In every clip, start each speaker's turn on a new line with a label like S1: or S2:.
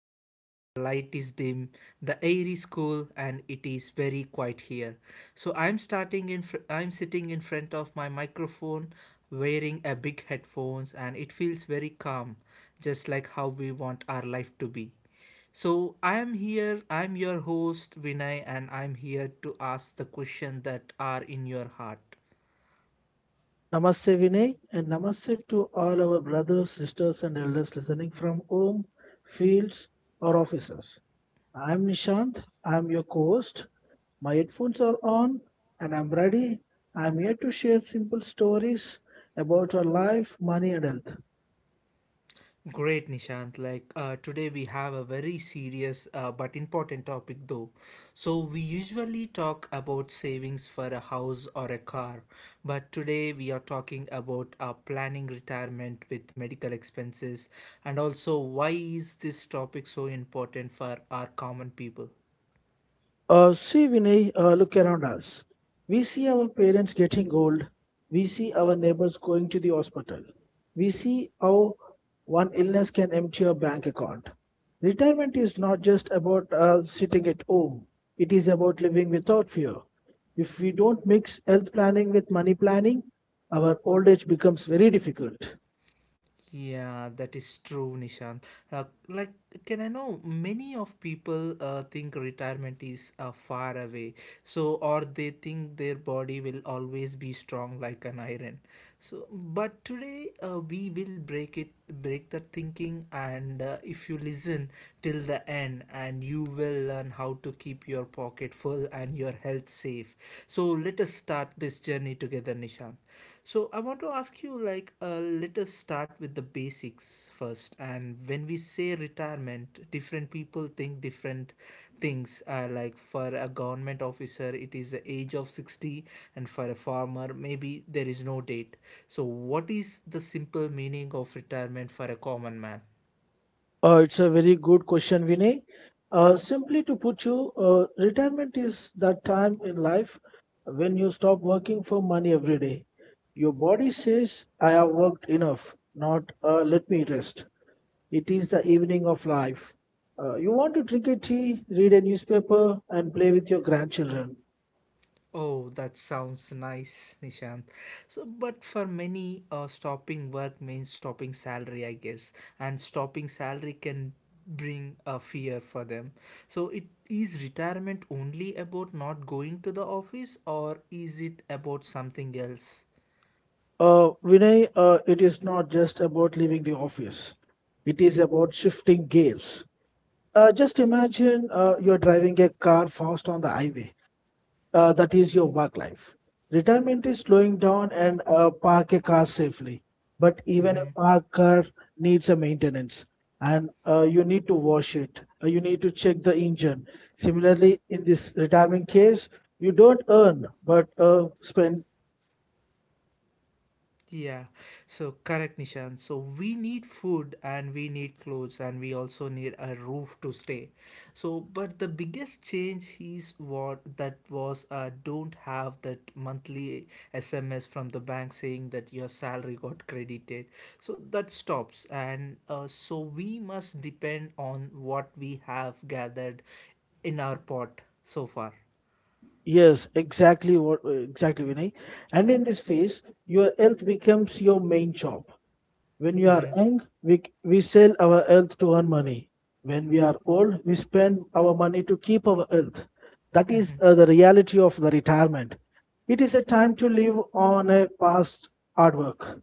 S1: Today the light is dim, the air is cool, and it is very quiet here. So I'm starting in. I'm sitting in front of my microphone, wearing a big headphones, and it feels very calm, just like how we want our life to be. So I am here, I'm your host Vinay, and I'm here to ask the question that are in your heart.
S2: Namaste Vinay and namaste to all our brothers, sisters and elders listening from home, fields or offices. I'm Nishant, I'm your co-host. My headphones are on and I'm ready. I'm here to share simple stories about our life, money and health.
S1: Great, Nishant. Like today, we have a very serious but important topic, though. So, we usually talk about savings for a house or a car, but today we are talking about planning retirement with medical expenses, and also why is this topic so important for our common people.
S2: Look around us. We see our parents getting old. We see our neighbors going to the hospital. We see how one illness can empty your bank account. Retirement is not just about sitting at home, it is about living without fear. If we don't mix health planning with money planning, our old age becomes very difficult.
S1: Yeah, that is true, Nishant. Uh, like, can I know many of people think retirement is far away, so or they think their body will always be strong like an iron. So, but today we will break the thinking, and if you listen till the end and you will learn how to keep your pocket full and your health safe. So let us start this journey together, Nishant. So I want to ask you, like, let us start with the basics things first. And when we say retirement, different people think different things, like for a government officer it is the age of 60, and for a farmer maybe there is no date. So what is the simple meaning of retirement for a common man?
S2: It's a very good question, Vinay. Simply to put you, retirement is that time in life when you stop working for money every day. Your body says, I have worked enough, not let me rest. It is the evening of life. You want to drink a tea, read a newspaper, and play with your grandchildren.
S1: Oh, that sounds nice, Nishant. So, but for many, stopping work means stopping salary, I guess, and stopping salary can bring a fear for them. So, it is retirement only about not going to the office, or is it about something else?
S2: Vinay, it is not just about leaving the office, it is about shifting gears. Just imagine you're driving a car fast on the highway. That is your work life. Retirement is slowing down and park a car safely. But even a parked car needs a maintenance, and you need to wash it. You need to check the engine. Similarly, in this retirement case, you don't earn but spend.
S1: Yeah, so correct, Nishan. So we need food and we need clothes and we also need a roof to stay. So, but the biggest change is what that was, don't have that monthly SMS from the bank saying that your salary got credited. So that stops, and so we must depend on what we have gathered in our pot so far.
S2: Exactly, Vinay. And in this phase, your health becomes your main job. When we are young, we sell our health to earn money. When we are old, we spend our money to keep our health. That is the reality of the retirement. It is a time to live on a past hard work.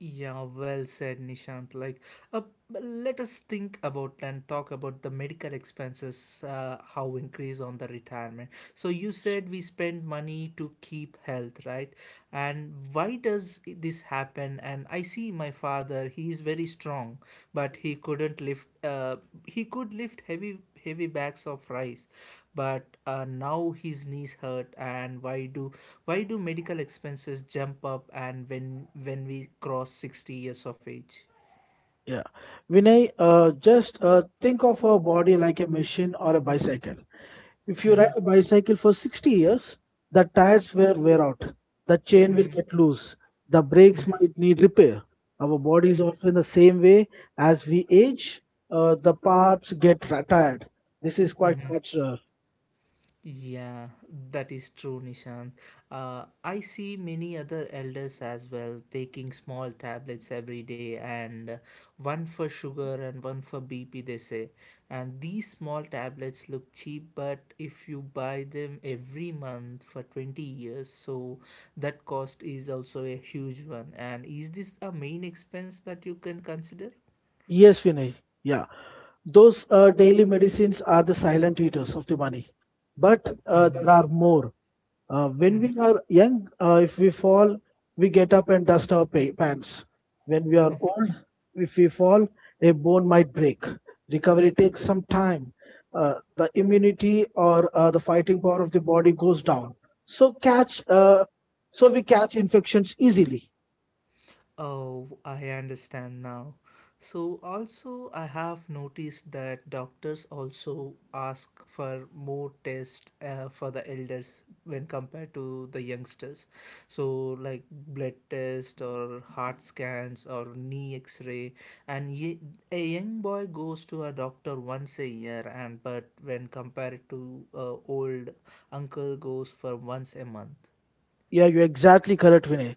S1: Yeah, well said, Nishant. Uh, let us think about and talk about the medical expenses, how increase on the retirement. So you said we spend money to keep health, right? And why does this happen? And I see my father; he is very strong, but he couldn't lift. He could lift heavy bags of rice, but now his knees hurt. And why do medical expenses jump up, and when we cross 60 years of age?
S2: Yeah. Vinay, just think of our body like a machine or a bicycle. If you
S1: Mm-hmm.
S2: ride a bicycle for 60 years, the tires will wear out, the chain will get loose, the brakes might need repair. Our body is also in the same way as we age, the parts get tired. This is quite
S1: Mm-hmm.
S2: natural.
S1: Yeah, that is true, Nishant. I see many other elders as well taking small tablets every day, and one for sugar and one for BP, they say. And these small tablets look cheap, but if you buy them every month for 20 years, so that cost is also a huge one. And is this a main expense that you can consider?
S2: Yes, Vinay. Yeah, those daily medicines are the silent eaters of the money, but
S1: Mm-hmm.
S2: there are more. When
S1: Mm-hmm.
S2: we are young, if we fall, we get up and dust our pants. When we are old, if we fall, a bone might break. Recovery takes some time. The immunity or the fighting power of the body goes down. So catch, uh, so we catch infections easily.
S1: Oh, I understand now. So, also, I have noticed that doctors also ask for more tests for the elders when compared to the youngsters. So, like blood test or heart scans or knee x ray. And a young boy goes to a doctor once a year, and but when compared to old uncle goes for once a month.
S2: Yeah, you're exactly correct, Vinay.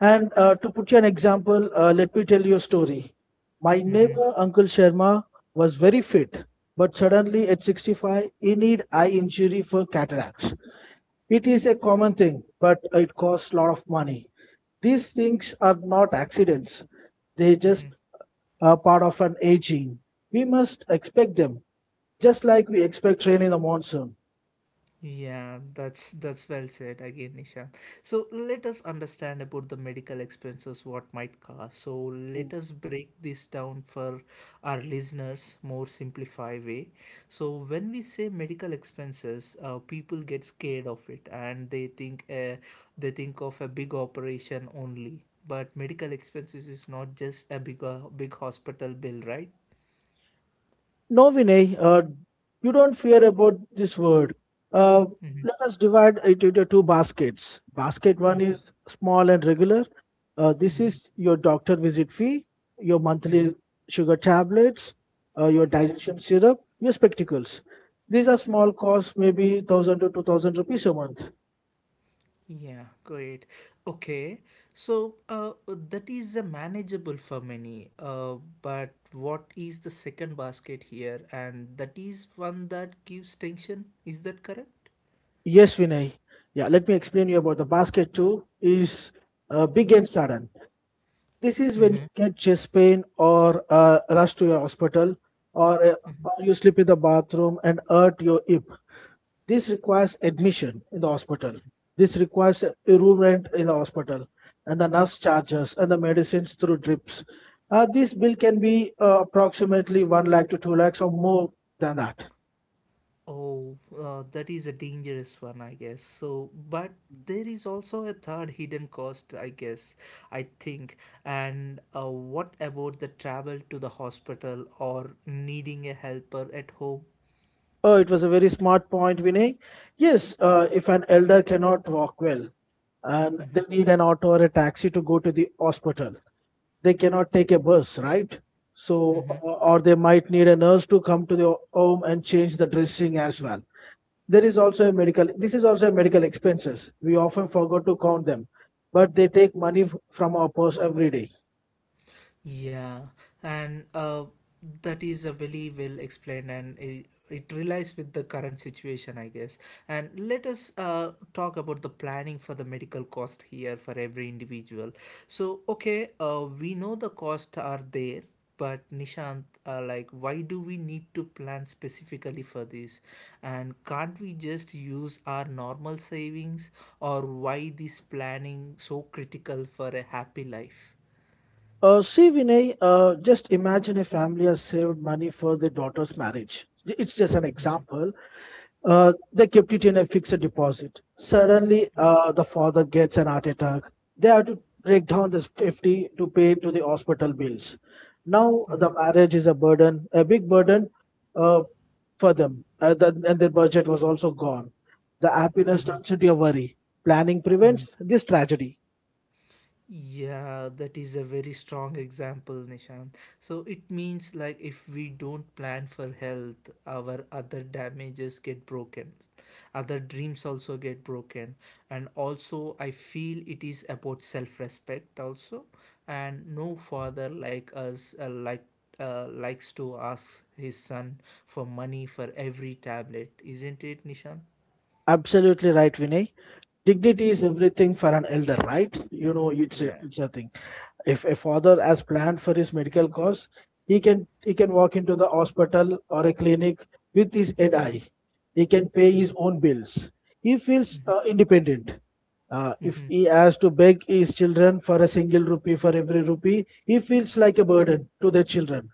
S2: And to put you an example, let me tell you a story. My
S1: Mm-hmm.
S2: neighbor, Uncle Sharma, was very fit, but suddenly at 65, he need eye injury for cataracts. It is a common thing, but it costs a lot of money. These things are not accidents. They just are part of an aging. We must expect them, just like we expect rain in the monsoon.
S1: Yeah, that's well said again, Nishan. So let us understand about the medical expenses what might cost. So
S2: Hmm.
S1: let us break this down for our listeners more simplified way. So when we say medical expenses, people get scared of it, and they think of a big operation only. But medical expenses is not just a big hospital bill, right?
S2: No, Vinay, you don't fear about this word. Uh,
S1: Mm-hmm.
S2: let us divide it into two baskets. Basket one is small and regular. This
S1: Mm-hmm.
S2: is your doctor visit fee, your
S1: Mm-hmm.
S2: monthly sugar tablets, your
S1: Mm-hmm.
S2: digestion syrup, your spectacles. These are small costs, maybe 1,000 to 2,000 rupees a month.
S1: Yeah, great. Okay, so that is a manageable for many. But what is the second basket here? And that is one that gives tension. Is that correct?
S2: Yes, Vinay. Yeah, let me explain you about the basket two is big and sudden. This is when you get chest pain or rush to your hospital or, uh, or you sleep in the bathroom and hurt your hip. This requires admission in the hospital. This requires a room rent in the hospital and the nurse charges and the medicines through drips. This bill can be approximately 1 lakh to 2 lakhs or more than that.
S1: Oh, that is a dangerous one, I guess. So, but there is also a third hidden cost, I guess, I think. And what about the travel to the hospital or needing a helper at home?
S2: Oh, it was a very smart point, Vinay. Yes, if an elder cannot walk well and they need an auto or a taxi to go to the hospital, they cannot take a bus, right? So,
S1: Mm-hmm.
S2: or they might need a nurse to come to the home and change the dressing as well. There is also a medical, this is also a medical expenses. We often forgot to count them, but they take money from our purse every day.
S1: Yeah, and that is a very well explained, and it relies with the current situation, I guess. And let us talk about the planning for the medical cost here for every individual. So, okay, we know the costs are there, but Nishant, why do we need to plan specifically for this? And can't we just use our normal savings, or why this planning so critical for a happy life?
S2: See, Vinay, just imagine a family has saved money for their daughter's marriage. It's just an example. They kept it in a fixed deposit. Suddenly, the father gets an heart attack. They have to break down this 50 to pay to the hospital bills. Now, the
S1: Mm-hmm.
S2: marriage is a burden, a big burden uh, for them, and their budget was also gone. The happiness
S1: Mm-hmm.
S2: turns into a worry. Planning
S1: Hmm.
S2: prevents this tragedy.
S1: Yeah, that is a very strong example, Nishan. So it means like if we don't plan for health, our other damages get broken, other dreams also get broken. And also, I feel it is about self respect, also. And no father like us, likes to ask his son for money for every tablet, isn't it, Nishan?
S2: Absolutely right, Vinay. Dignity is everything for an elder, right? You know, it's a,
S1: Yeah.
S2: it's a thing. If a father has planned for his medical costs, he can walk into the hospital or a clinic with his head high. He can pay his
S1: Mhm.
S2: own bills. He feels independent. If
S1: Mhm.
S2: he has to beg his children for a single rupee for every rupee, he feels like a burden to their children.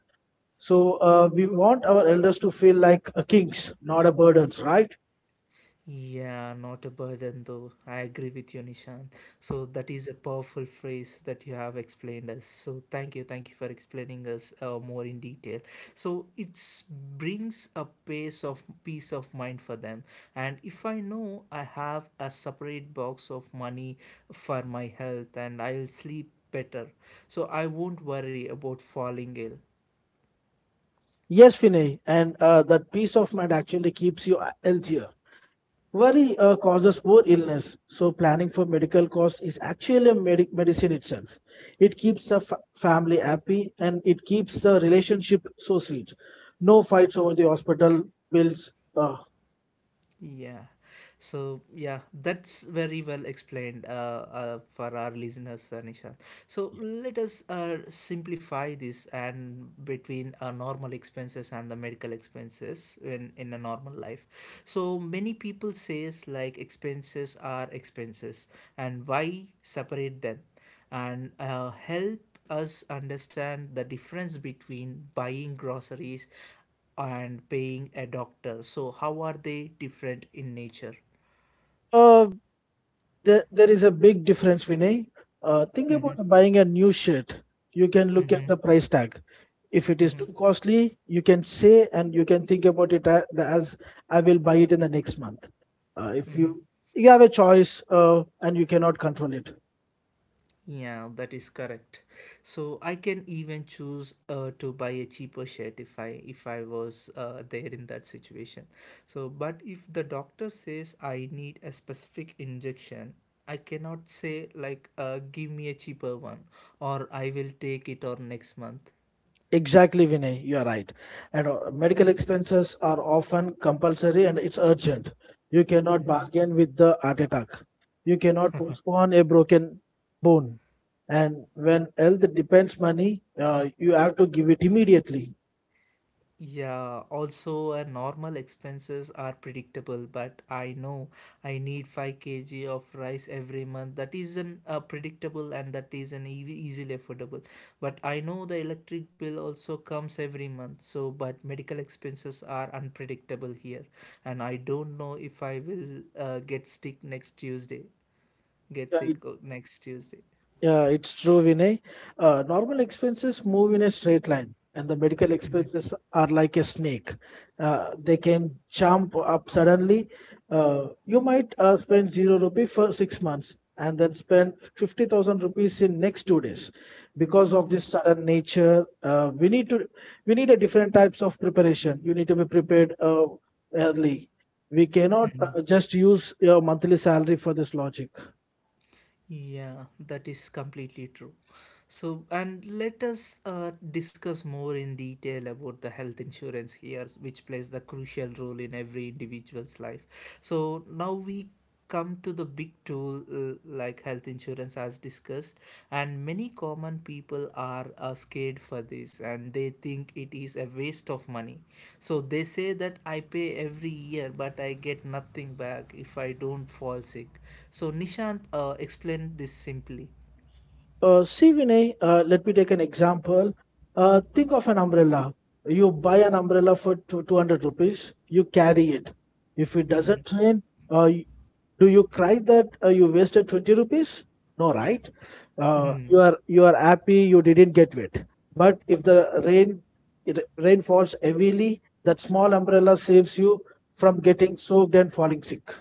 S2: So we want our elders to feel like kings, not a burdens, right?
S1: Yeah, not a burden though. I agree with you, Nishan. So that is a powerful phrase that you have explained us. So thank you for explaining us more in detail. So it brings a pace of peace of mind for them. And if I know I have a separate box of money for my health, and I'll sleep better, so I won't worry about falling ill.
S2: Yes, Vinay, and that peace of mind actually keeps you healthier. Worry causes more illness, so planning for medical costs is actually a medicine itself. It keeps the family happy and it keeps the relationship so sweet. No fights over the hospital bills.
S1: Yeah. So yeah, that's very well explained for our listeners, Nishan. So
S2: Yeah.
S1: let us simplify this and between normal expenses and the medical expenses in a normal life. So many people says like expenses are expenses, and why separate them, and help us understand the difference between buying groceries and paying a doctor. So, how are they different in nature?
S2: uh, there is a big difference, Vinay. Think about buying a new shirt. You can look at
S1: Mm-hmm.
S2: the price tag. If it is too costly you can say and you can think about it as, I will buy it in the next month. If you have a choice and you cannot control it.
S1: Yeah, that is correct. So I can even choose to buy a cheaper shirt if I was there in that situation. So, but if the doctor says I need a specific injection, I cannot say like give me a cheaper one, or I will take it or next month.
S2: Exactly, Vinay, you are right. And medical expenses are often compulsory and it's urgent. You cannot bargain with the heart attack. You cannot postpone a broken bone, and when health depends money, you have to give it immediately.
S1: Yeah, also normal expenses are predictable, but I know I need 5 kg of rice every month. That is an predictable, and that is an easy easily affordable. But I know the electric bill also comes every month. So, but medical expenses are unpredictable here, and I don't know if I will get sick next Tuesday. Get sick uh, next Tuesday.
S2: Yeah, it's true, Vinay. Normal expenses move in a straight line, and the medical expenses are like a snake. They can jump up suddenly. You might spend zero rupee for 6 months and then spend 50,000 rupees in next 2 days. Because of this sudden nature, we need a different types of preparation. You need to be prepared early. We cannot just use your monthly salary for this logic.
S1: Yeah, that is completely true. So, and let us discuss more in detail about the health insurance here, which plays the crucial role in every individual's life. So, now we come to the big tool, like health insurance as discussed, and many common people are scared for this, and they think it is a waste of money. So they say that I pay every year but I get nothing back if I don't fall sick. So Nishant, explained this simply.
S2: See, Vinay, let me take an example. Think of an umbrella. You buy an umbrella for 200 rupees, you carry it. If it doesn't rain, uh, y- do you cry that you wasted 20 rupees? No, right? You are happy you didn't get wet. But if the rain falls heavily, that small umbrella saves you from getting soaked and falling sick.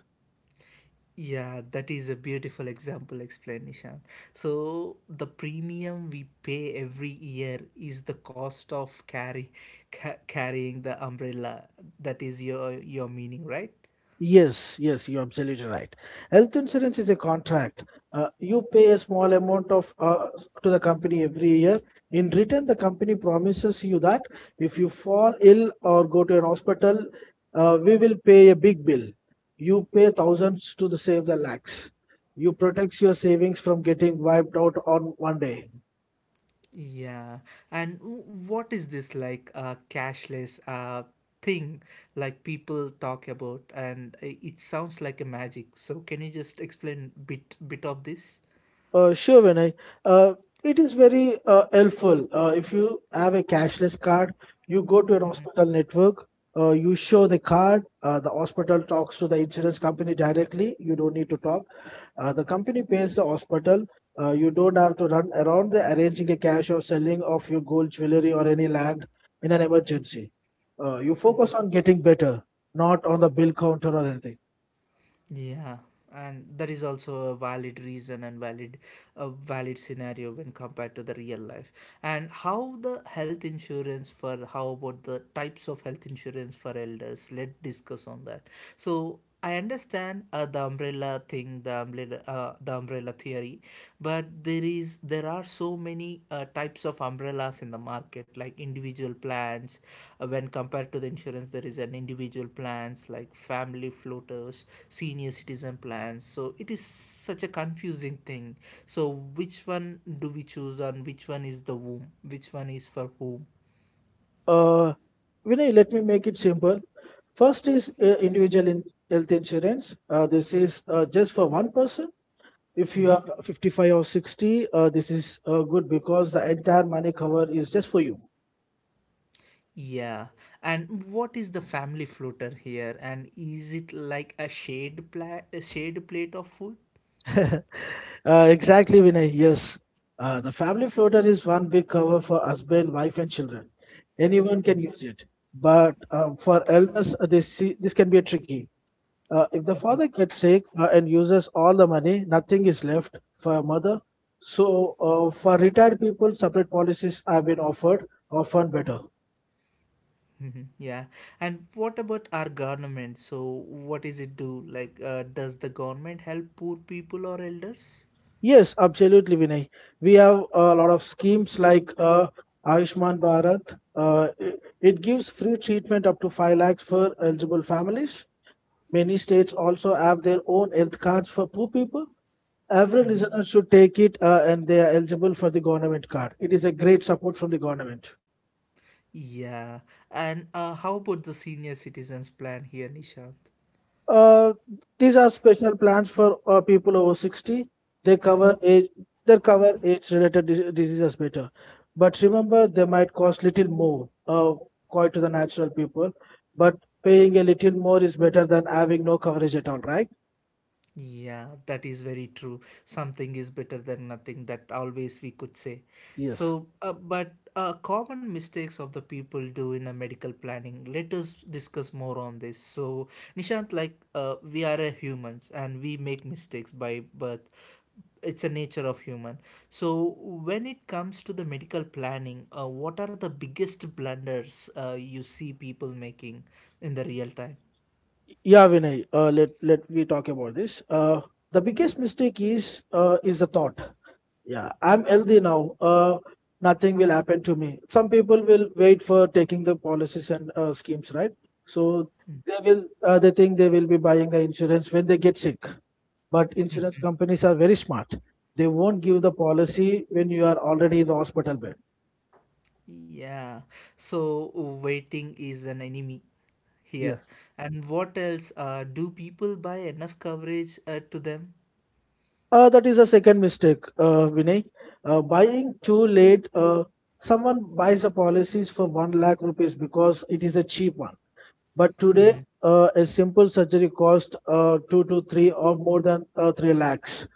S1: Yeah, that is a beautiful example explanation. So the premium we pay every year is the cost of carry ca- carrying the umbrella. That is your meaning, right?
S2: Yes, yes, you're absolutely right. Health insurance is a contract. You pay a small amount of to the company every year. In return, the company promises you that if you fall ill or go to an hospital, we will pay a big bill. You pay thousands to the save the lakhs. You protects your savings from getting wiped out on one day.
S1: Yeah, and what is this like cashless thing like people talk about, and it sounds like a magic. So can you just explain bit of this?
S2: Sure, Vinay. Uh, it is very helpful. If you have a cashless card, you go to an hospital network, you show the card, the hospital talks to the insurance company directly. You don't need to talk. The company pays the hospital. You don't have to run around the arranging a cash or selling of your gold jewelry or any land in an emergency. You focus on getting better, not on the bill counter or anything.
S1: Yeah, and that is also a valid reason, and valid a valid scenario when compared to the real life. And how the health insurance for how about the types of health insurance for elders? Let's discuss on that. So I understand the umbrella theory, but there are so many types of umbrellas in the market, like individual plans, when compared to the insurance there is an individual plans like family floaters, senior citizen plans. So it is such a confusing thing. So which one do we choose, and which one is for whom?
S2: Uh, Vinay, let me make it simple. First is individual in health insurance. This is just for one person. If you are
S1: Hmm.
S2: 55 or 60, this is good because the entire money cover is just for you.
S1: Yeah, and what is the family floater here? And is it like a shade pla a shade plate of food?
S2: uh, exactly, Vinay. Yes. The family floater is one big cover for husband, wife, and children. Anyone can use it. But for elders, this can be tricky. If the father gets sick and uses all the money, nothing is left for a mother. So, for retired people, separate policies have been offered, often better.
S1: Mhm. Yeah, and what about our government? So, what is it do? Like, does the government help poor people or elders?
S2: Yes, absolutely, Vinay. We have a lot of schemes like Ayushman Bharat. It gives free treatment up to 5 lakhs for eligible families. Many states also have their own health cards for poor people. Every
S1: Mm-hmm.
S2: listener should take it and they are eligible for the government card. It is a great support from the government.
S1: Yeah, and how about the senior citizens plan here, Nishant?
S2: Uh, these are special plans for people over 60. They cover age, they cover age-related diseases better. But remember, they might cost little more, quite to the natural people. But paying a little more is better than having no coverage at all, right?
S1: Yeah, that is very true. Something is better than nothing, that always we could say.
S2: Yes.
S1: So, but common mistakes of the people do in a medical planning. Let us discuss more on this. So, Nishant, like we are a humans and we make mistakes by birth. It's a nature of human. So, when it comes to the medical planning, what are the biggest blunders you see people making in the real time?
S2: Yeah, Vinay. Let we talk about this. The biggest mistake is the thought. Yeah, I'm healthy now. Nothing will happen to me. Some people will wait for taking the policies and schemes, right? So they think they will be buying the insurance when they get sick. But insurance companies are very smart. They won't give the policy when you are already in the hospital bed.
S1: Yeah, so waiting is an enemy here.
S2: Yes.
S1: And what else? Do people buy enough coverage to them?
S2: That is a second mistake, Vinay. Buying too late. Someone buys a policies for one lakh rupees because it is a cheap one. But today,
S1: Mm-hmm.
S2: a simple surgery costs two to three or more than three lakhs.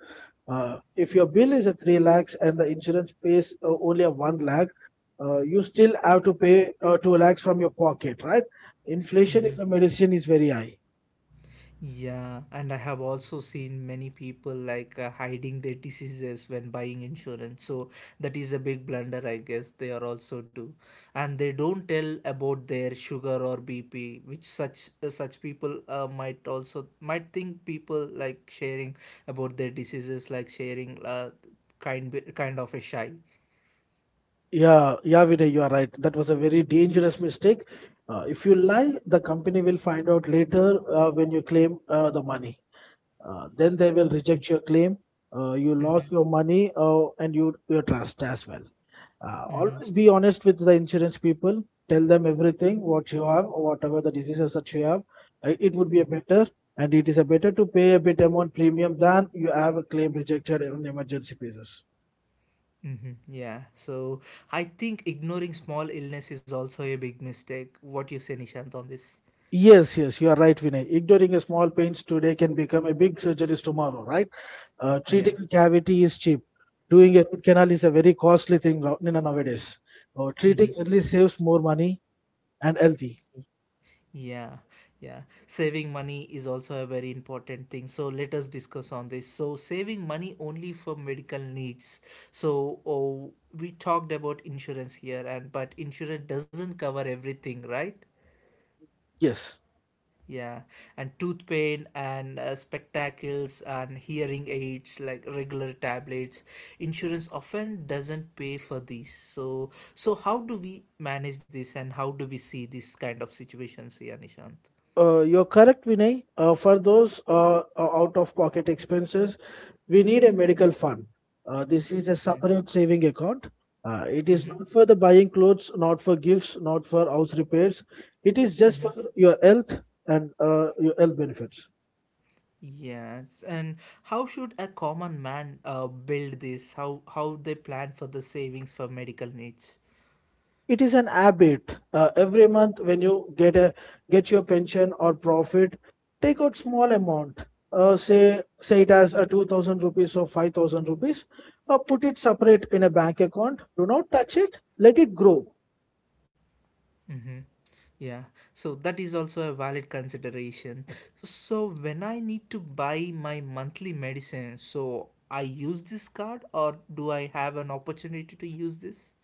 S2: If your bill is a three lakhs and the insurance pays only a one lakh, you still have to pay two lakhs from your pocket, right? Inflation
S1: Mm-hmm.
S2: is a medicine is very high.
S1: Yeah, and I have also seen many people hiding their diseases when buying insurance. So that is a big blunder, I guess they are also do. And they don't tell about their sugar or BP, which such people might also might think people like sharing about their diseases like kind of a shy.
S2: Yeah, yeah, Vinay, you are right. That was a very dangerous mistake. If you lie, the company will find out later when you claim the money. Then they will reject your claim. You
S1: Mm-hmm.
S2: lost your money and your trust as well.
S1: Mm-hmm.
S2: Always be honest with the insurance people. Tell them everything what you have, whatever the diseases that you have. It would be a better and it is a better to pay a bit amount premium than you have a claim rejected on emergency basis.
S1: Mm-hmm. Yeah. So I think ignoring small illness is also a big mistake. What you say, Nishant, on this?
S2: Yes, yes, you are right, Vinay. Ignoring a small pains today can become a big surgery tomorrow, right? Treating
S1: Yeah.
S2: a cavity is cheap. Doing a root canal is a very costly thing you know, nowadays. Treating
S1: Mm-hmm.
S2: early saves more money and healthy.
S1: Yeah, yeah. Saving money is also a very important thing. So let us discuss on this. So saving money only for medical needs. We talked about insurance here, and but insurance doesn't cover everything, right?
S2: Yes.
S1: Yeah, and tooth pain and spectacles and hearing aids like regular tablets. Insurance often doesn't pay for these. So how do we manage this and how do we see this kind of situations here, Nishant?
S2: You're correct, Vinay. For those out of pocket expenses, we need a medical fund. This is a separate saving account. It is not
S1: Mm-hmm.
S2: for the buying clothes, not for gifts, not for house repairs. It is just
S1: Mm-hmm.
S2: for your health and your health benefits.
S1: Yes, and how should a common man build this? How they plan for the savings for medical needs?
S2: It is an habit every month when you get your pension or profit, take out small amount, say it as a 2,000 rupees or 5,000 rupees. Put it separate in a bank account. Do not touch it, let it grow.
S1: Mm-hmm. Yeah, so that is also a valid consideration. So when I need to buy my monthly medicine, so I use this card or do I have an opportunity to use this?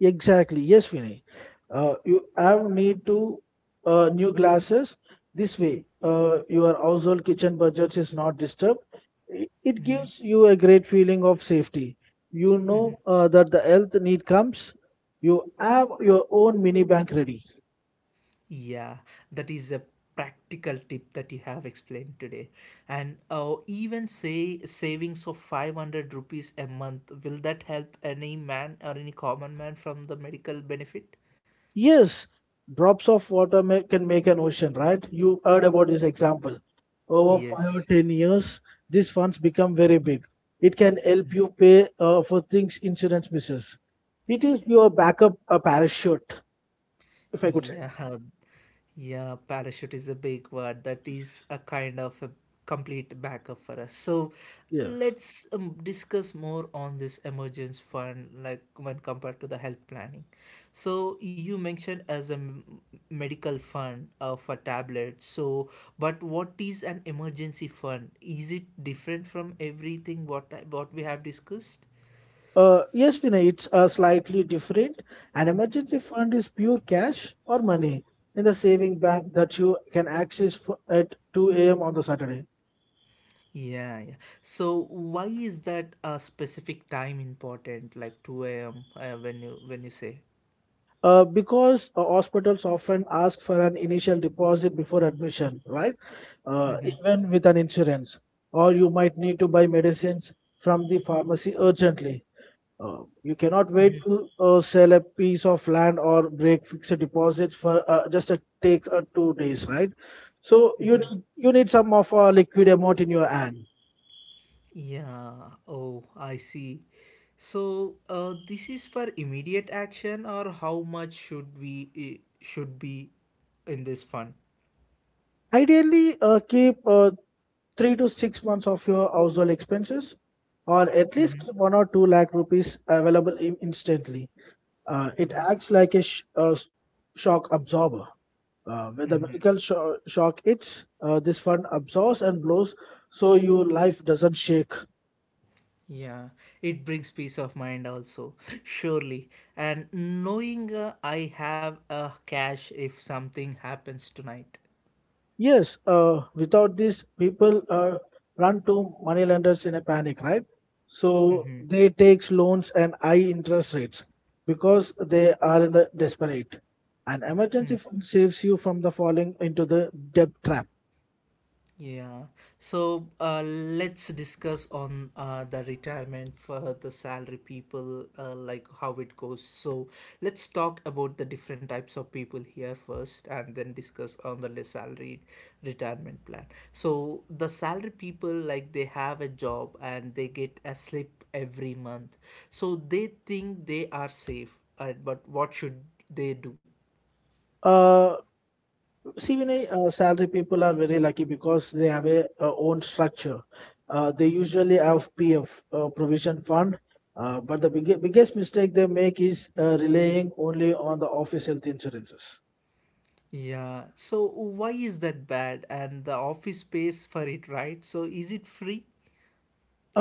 S2: Exactly. Yes, Vinay. You have need to new glasses. This way, your household kitchen budget is not disturbed. It gives you a great feeling of safety. You know that the health need comes. You have your own mini bank ready.
S1: Yeah, that is a practical tip that you have explained today. And even say savings of 500 rupees a month, will that help any man or any common man from the medical benefit?
S2: Yes, drops of water ma can make an ocean, right? You heard about this example. Over five or
S1: Yes.
S2: ten years, these funds become very big. It can help you pay for things insurance misses. It is your backup parachute, if I could say.
S1: Yeah, yeah, parachute is a big word. That is a kind of a complete backup for us. So
S2: Yes.
S1: let's discuss more on this emergence fund, like when compared to the health planning. So you mentioned as a medical fund of a tablet. So, but what is an emergency fund? Is it different from everything what we have discussed?
S2: Yes, Vinay, it's slightly different. An emergency fund is pure cash or money in the saving bank that you can access at 2 a.m. on the Saturday.
S1: Yeah, yeah. So why is that a specific time important, like 2 a.m. When you say?
S2: Because hospitals often ask for an initial deposit before admission, right? Even with an insurance, or you might need to buy medicines from the pharmacy urgently. You cannot wait to sell a piece of land or break fixed deposits for just a take 2 days, right? So you need some of a liquid amount in your hand.
S1: Yeah. Oh, I see. So this is for immediate action, or how much should be in this fund?
S2: Ideally, keep 3 to 6 months of your household expenses, or at least keep one or two lakh rupees available instantly. It acts like a, shock absorber. When the medical shock hits, this fund absorbs and blows, so your life doesn't shake.
S1: Yeah, it brings peace of mind also, surely. And knowing I have a cash if something happens tonight.
S2: Yes, without this, people run to money lenders in a panic, right? So they takes loans and high interest rates because they are in the desperate. An emergency fund saves you from the falling into the debt trap.
S1: Yeah. So let's discuss on the retirement for the salary people, like how it goes. So let's talk about the different types of people here first, and then discuss on the salary retirement plan. So the salary people, like they have a job and they get a slip every month, so they think they are safe. But what should they do?
S2: Uh, CVNA salary people are very lucky because they have a, own structure. They usually have PF provision fund, but the biggest mistake they make is relying only on the office health insurances.
S1: Yeah, so why is that bad? And the office pays for it, right? So is it free?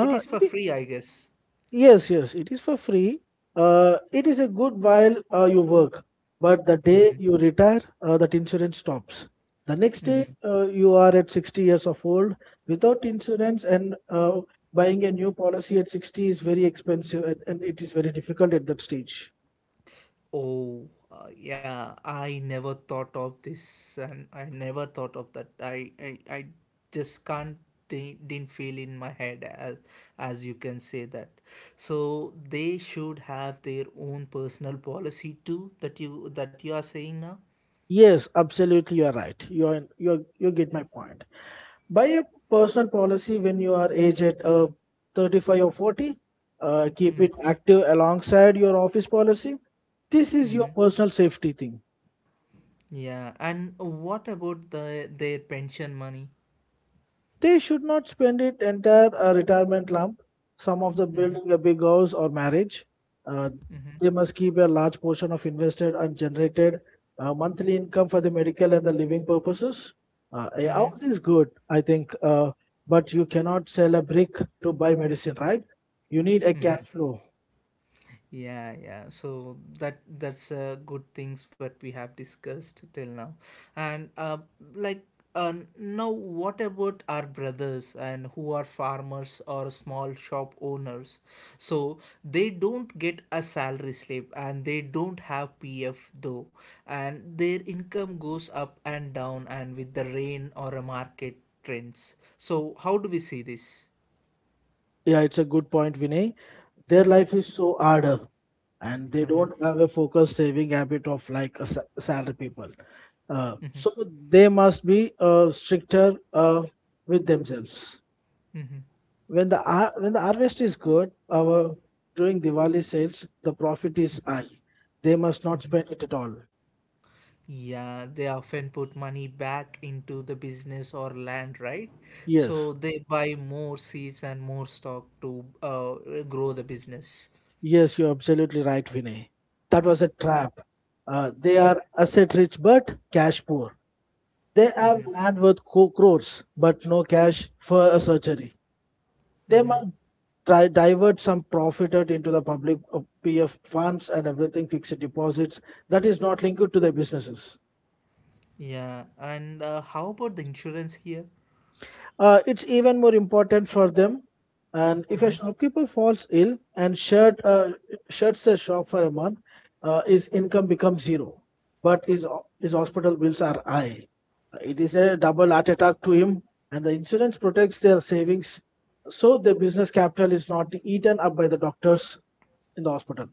S1: It is for
S2: it i-
S1: free, I guess.
S2: yes, yes, it is for free. It is a good while you work, but the day you retire, that insurance stops. The next day, you are at 60 years of old without insurance, and buying a new policy at 60 is very expensive, and it is very difficult at that stage.
S1: Oh, yeah, I never thought of this and I never thought of that. I just can't, di- didn't feel in my head as you can say that. So they should have their own personal policy too, that you are saying now?
S2: Yes, absolutely, you are right. You get my point. Buy a personal policy when you are aged at 35 or 40. Keep it active alongside your office policy. This is
S1: Mm-hmm.
S2: your
S1: Mm-hmm.
S2: personal safety thing.
S1: Yeah, and what about their pension money?
S2: They should not spend it entire retirement lump. Some of the
S1: Mm-hmm.
S2: building a big house or marriage. Uh, they must keep a large portion of invested and generated monthly income for the medical and the living purposes. A
S1: Mm-hmm.
S2: house is good, I think, but you cannot sell a brick to buy medicine, right? You need a cash flow.
S1: Yeah, yeah. So that's good things what we have discussed till now, and like now what about our brothers and who are farmers or small shop owners? So they don't get a salary slip and they don't have PF though, and their income goes up and down and with the rain or a market trends. So how do we see this?
S2: Yeah, it's a good point, Vinay. Their life is so harder, and they
S1: Uh-huh.
S2: don't have a focused saving habit of like a salary people. So they must be stricter with themselves. When the harvest is good, our during Diwali sales, the profit is high. They must not spend it at all.
S1: Yeah, they often put money back into the business or land, right?
S2: Yes,
S1: So they buy more seeds and more stock to grow the business.
S2: yes, you're absolutely right, Vinay. That was a trap. They are asset rich but cash poor. They have
S1: Mm-hmm,
S2: land worth crores but no cash for a surgery. They might
S1: mm-hmm.
S2: try divert some profit out into the public PF funds and everything, fixed deposits that is not linked to their businesses.
S1: Yeah, and how about the insurance here?
S2: It's even more important for them. And if a
S1: Mm-hmm.
S2: shopkeeper falls ill and shuts their shop for a month, his income becomes zero, but his hospital bills are high. It is a double heart attack to him, and the insurance protects their savings, so their business capital is not eaten up by the doctors in the hospital.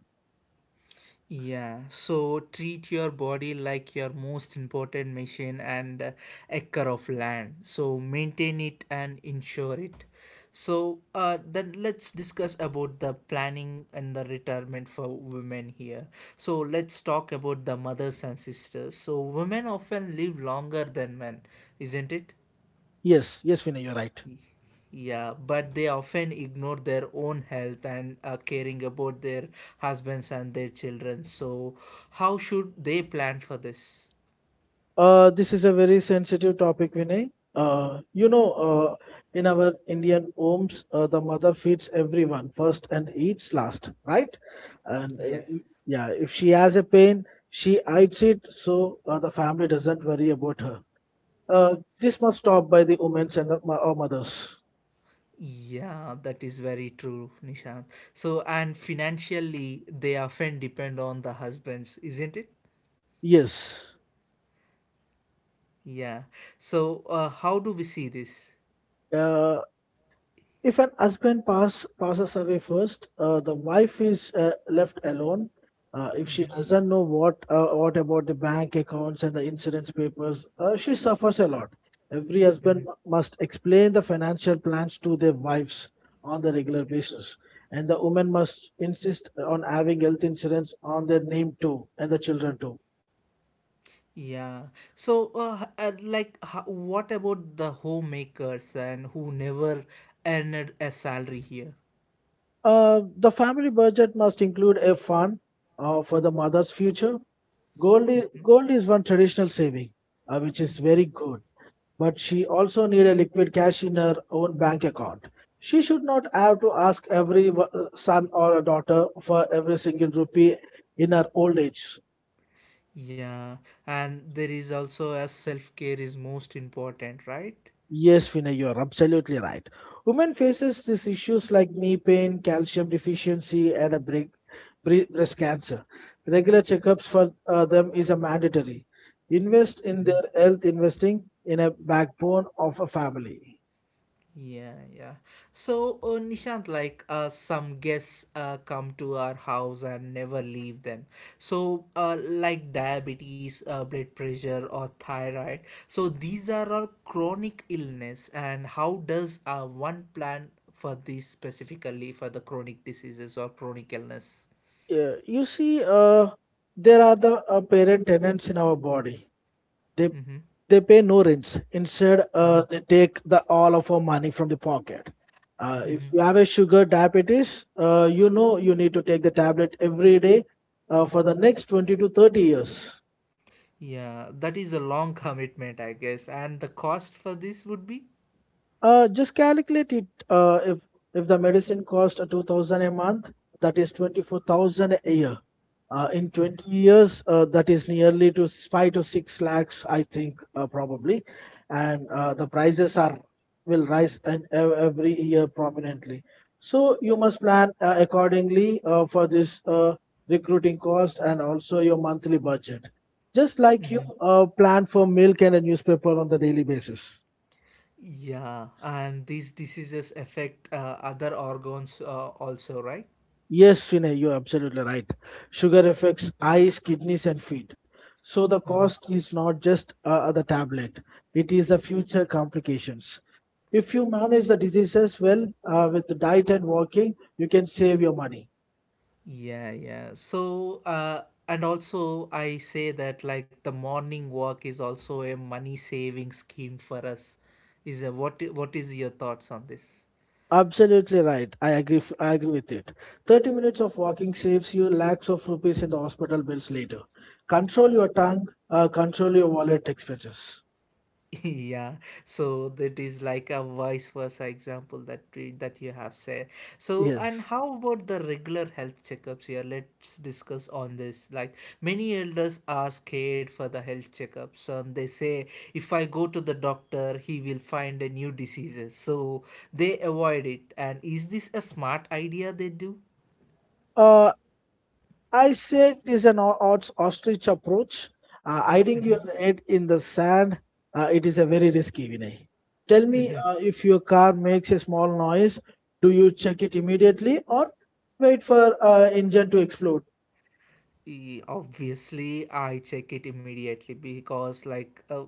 S1: Yeah, so treat your body like your most important machine and acre of land. So maintain it and insure it. So then let's discuss about the planning and the retirement for women here. So let's talk about the mothers and sisters. So women often live longer than men, isn't it?
S2: Yes, yes, Vinay, you're right.
S1: Yeah, but they often ignore their own health and caring about their husbands and their children. So, how should they plan for this?
S2: This is a very sensitive topic, Vinay. You know, in our Indian homes, the mother feeds everyone first and eats last, right? And
S1: Yeah.
S2: yeah, if she has a pain, she hides it so the family doesn't worry about her. This must stop by the women and the mothers.
S1: Yeah, that is very true, Nishant. So, and financially, they often depend on the husbands, isn't it?
S2: Yes.
S1: Yeah. So, how do we see this?
S2: Uh, If an husband passes away first, the wife is left alone. If she doesn't know what about the bank accounts and the insurance papers, she suffers a lot. Every husband must explain the financial plans to their wives on the regular basis, and the woman must insist on having health insurance on their name too and the children too.
S1: Yeah. So, what about the homemakers and who never earned a salary here?
S2: The family budget must include a fund for the mother's future. Gold is one traditional saving, which is very good, but she also need a liquid cash in her own bank account. She should not have to ask every son or a daughter for every single rupee in her old age.
S1: Yeah, and there is also as self care is most important, right?
S2: Yes, Vinay, you are absolutely right. Women faces these issues like knee pain, calcium deficiency, and breast cancer. Regular checkups for them is a mandatory. Invest in their health, investing in a backbone of a family.
S1: Yeah, yeah. So, Nishant, some guests come to our house and never leave them. So, like diabetes, blood pressure, or thyroid. So, these are all chronic illness. And how does one plan for this specifically for the chronic diseases or chronic illness?
S2: Yeah, you see, there are the parent tenants in our body. They
S1: Mm-hmm.
S2: they pay no rents. Instead,
S1: Mm-hmm.
S2: they take the all of our money from the pocket. If
S1: Mm-hmm.
S2: you have a sugar diabetes, you know you need to take the tablet every day for the next 20 to 30 years.
S1: Yeah, that is a long commitment, I guess. And the cost for this would be?
S2: Just calculate it. If the medicine cost 2,000 a month, that is 24,000 a year. In 20 years, that is nearly to five to six lakhs, I think, probably, and the prices are will rise and every year prominently. So you must plan accordingly for this recruiting cost and also your monthly budget, just like you plan for milk and a newspaper on the daily basis.
S1: Yeah, and these diseases affect other organs also, right?
S2: Yes, Vinay, you're absolutely right. Sugar affects eyes, kidneys, and feet. So the cost is not just the tablet, it is the future complications. If you manage the diseases well with the diet and walking, you can save your money.
S1: Yeah, yeah. So, and also I say that like the morning walk is also a money saving scheme for us. Is a, what is your thoughts on this?
S2: Absolutely right. I agree. I agree with it. 30 minutes of walking saves you lakhs of rupees in the hospital bills later. Control your tongue, control your wallet expenses.
S1: Yeah, so that is like a vice versa example that you have said. So, and
S2: Yes.
S1: how about the regular health checkups here? Let's discuss on this. Like many elders are scared for the health checkups, and they say if I go to the doctor, he will find a new diseases. So they avoid it. And is this a smart idea they do?
S2: Uh, I say it is an odds ostrich approach. Hiding your head in the sand, it is a very risky, Vinay. Tell me, if your car makes a small noise, do you check it immediately or wait for, engine to explode?
S1: Obviously, I check it immediately because,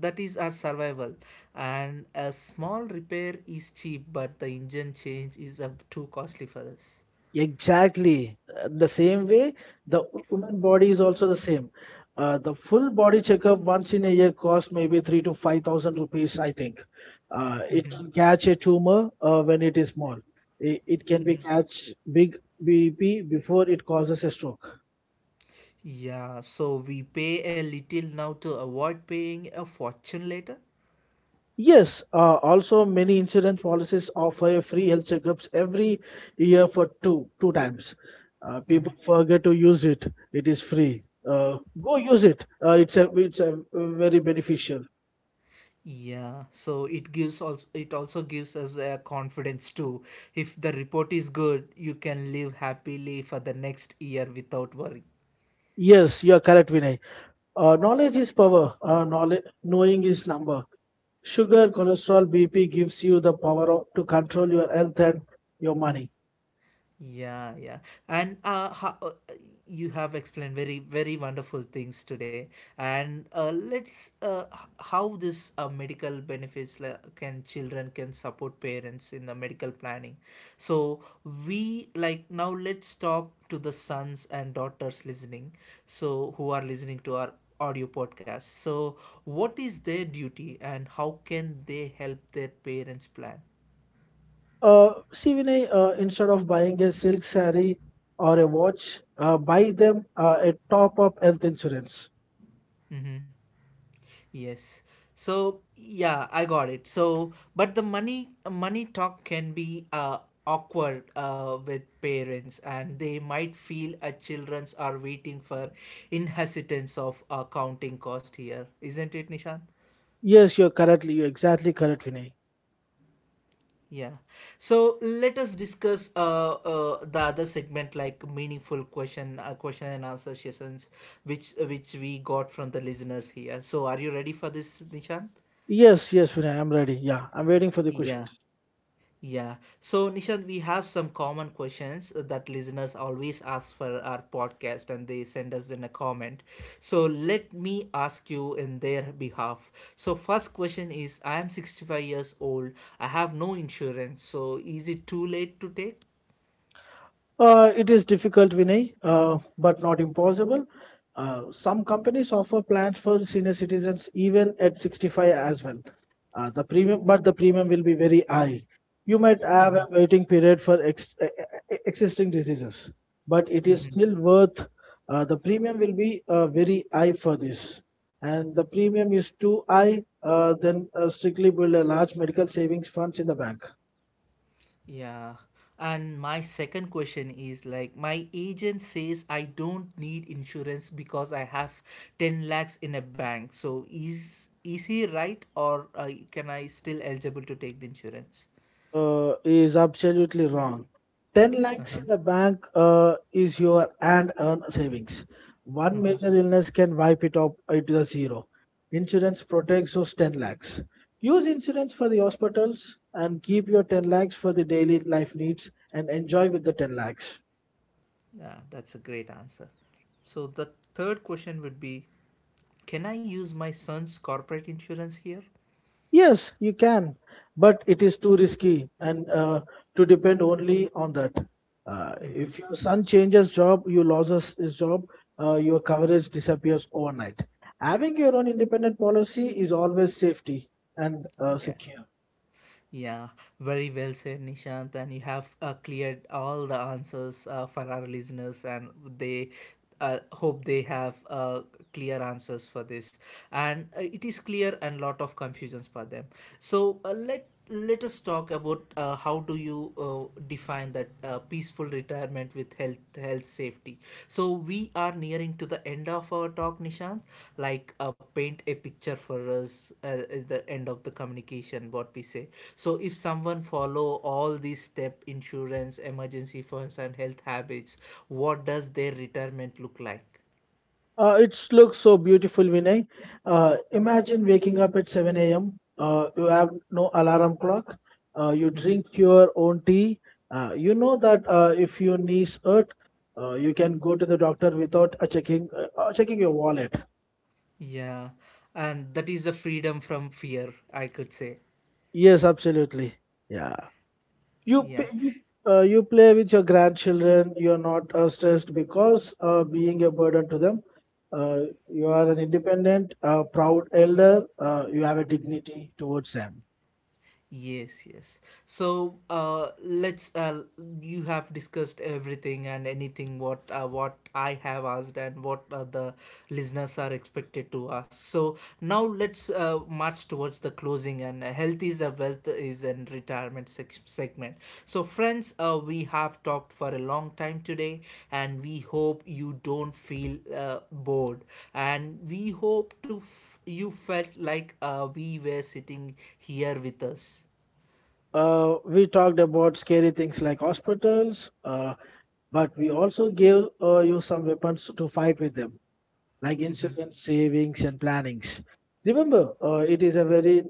S1: that is our survival. And a small repair is cheap, but the engine change is too costly for us.
S2: Exactly. The same way, the woman body is also the same. The full body checkup once in a year costs maybe 3 to 5 thousand rupees, I think. It can catch a tumor when it is small. It can be catch big BP before it causes a stroke.
S1: Yeah, so we pay a little now to avoid paying a fortune later.
S2: Yes, also many insurance policies offer free health checkups every year for two times. People forget to use it. It is free. Go use it. It's a very beneficial.
S1: Yeah, so it also gives us a confidence too. If the report is good, you can live happily for the next year without worry.
S2: Yes, you are correct, Vinay. Knowledge is power. Knowing is number. Sugar, cholesterol, BP gives you the power of, to control your health and your money.
S1: Yeah, yeah. And you have explained very, very wonderful things today. And how this medical benefits can children can support parents in the medical planning. So we like now let's talk to the sons and daughters listening. So who are listening to our audio podcast. So what is their duty and how can they help their parents plan?
S2: See, Vinay, instead of buying a silk saree or a watch, buy them a top-up health insurance.
S1: Yes. So yeah, I got it. So but the money talk can be awkward with parents and they might feel childrens are waiting for in hesitance of accounting cost here. Isn't it, Nishant?
S2: Yes, you're correctly. You're exactly correct, Vinay.
S1: Yeah. So let us discuss the other segment like meaningful question and answer sessions which we got from the listeners here. So are you ready for this, Nishant?
S2: Yes, yes, Vinay. I'm ready. Yeah, I'm waiting for the question.
S1: Yeah. Yeah. So, Nishant, we have some common questions that listeners always ask for our podcast and they send us in a comment. So, let me ask you in their behalf. So, first question is I am 65 years old. I have no insurance. So, is it too late to take?
S2: It is difficult, Vinay, but not impossible. Some companies offer plans for senior citizens even at 65 as well. But the premium will be very high. You might have a waiting period for existing diseases, but it is still worth. The premium will be very high for this, and the premium is too high. Then strictly build a large medical savings funds in the bank.
S1: Yeah. And my second question is like my agent says I don't need insurance because I have 10 lakhs in a bank. So is he right or can I still eligible to take the insurance?
S2: Is absolutely wrong. 10 lakhs in the bank is your and earn savings. One major illness can wipe it up to the zero. Insurance protects those 10 lakhs. Use insurance for the hospitals and keep your 10 lakhs for the daily life needs and enjoy with the 10 lakhs.
S1: Yeah, that's a great answer. So the third question would be can I use my son's corporate insurance here?
S2: Yes, you can, but it is too risky and, to depend only on that. If your son changes job, you loses his job, your coverage disappears overnight. Having your own independent policy is always safety and
S1: Yeah.
S2: secure.
S1: Yeah, very well said, Nishant. And you have cleared all the answers for our listeners, and they hope they have clear answers for this. And it is clear and lot of confusions for them. So let us talk about how do you define that peaceful retirement with health safety so we are nearing to the end of our talk Nishant, paint a picture for us at the end of the communication what we say. So if someone follow all these step insurance emergency funds and health habits, what does their retirement look like?
S2: It looks so beautiful, Vinay. Imagine waking up at 7 a.m. You have no alarm clock. You drink your own tea. You know that if your knees hurt, you can go to the doctor without checking your wallet.
S1: Yeah, and that is the freedom from fear I could say.
S2: Yes, absolutely. Yeah. You pay,
S1: Yeah.
S2: you play with your grandchildren. You're not stressed because being a burden to them. uh, you are an independent, proud elder. You have a dignity towards them.
S1: Yes, yes. So, let's. You have discussed everything and anything what I have asked and what the listeners are expected to ask. So now let's march towards the closing. And health is a wealth with is in retirement segment. So friends, we have talked for a long time today, and we hope you don't feel bored, and we hope you felt like we were sitting here with us.
S2: We talked about scary things like hospitals, but we also gave, you some weapons to fight with them, like insurance savings and plannings. Remember, uh, it is a very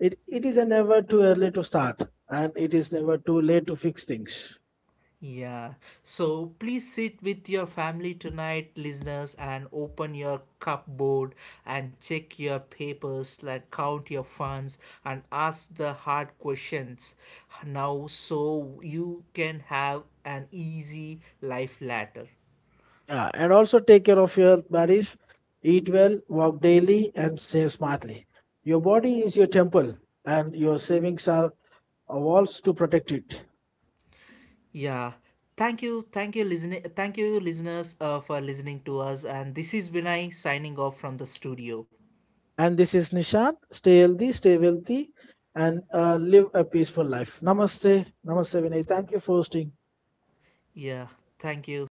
S2: it, it is a never too early to start, and it is never too late to fix things.
S1: Yeah. So please sit with your family tonight, listeners, and open your cupboard and check your papers, like count your funds and ask the hard questions now so you can have an easy life later.
S2: Yeah, and also take care of your health, Marif. Eat well, walk daily, and save smartly. Your body is your temple, and your savings are a walls to protect it.
S1: Yeah. Thank you, listeners, for listening to us. And this is Vinay signing off from the studio.
S2: And this is Nishant. Stay healthy, stay wealthy, and live a peaceful life. Namaste. Namaste, Vinay. Thank you for hosting.
S1: Yeah, thank you.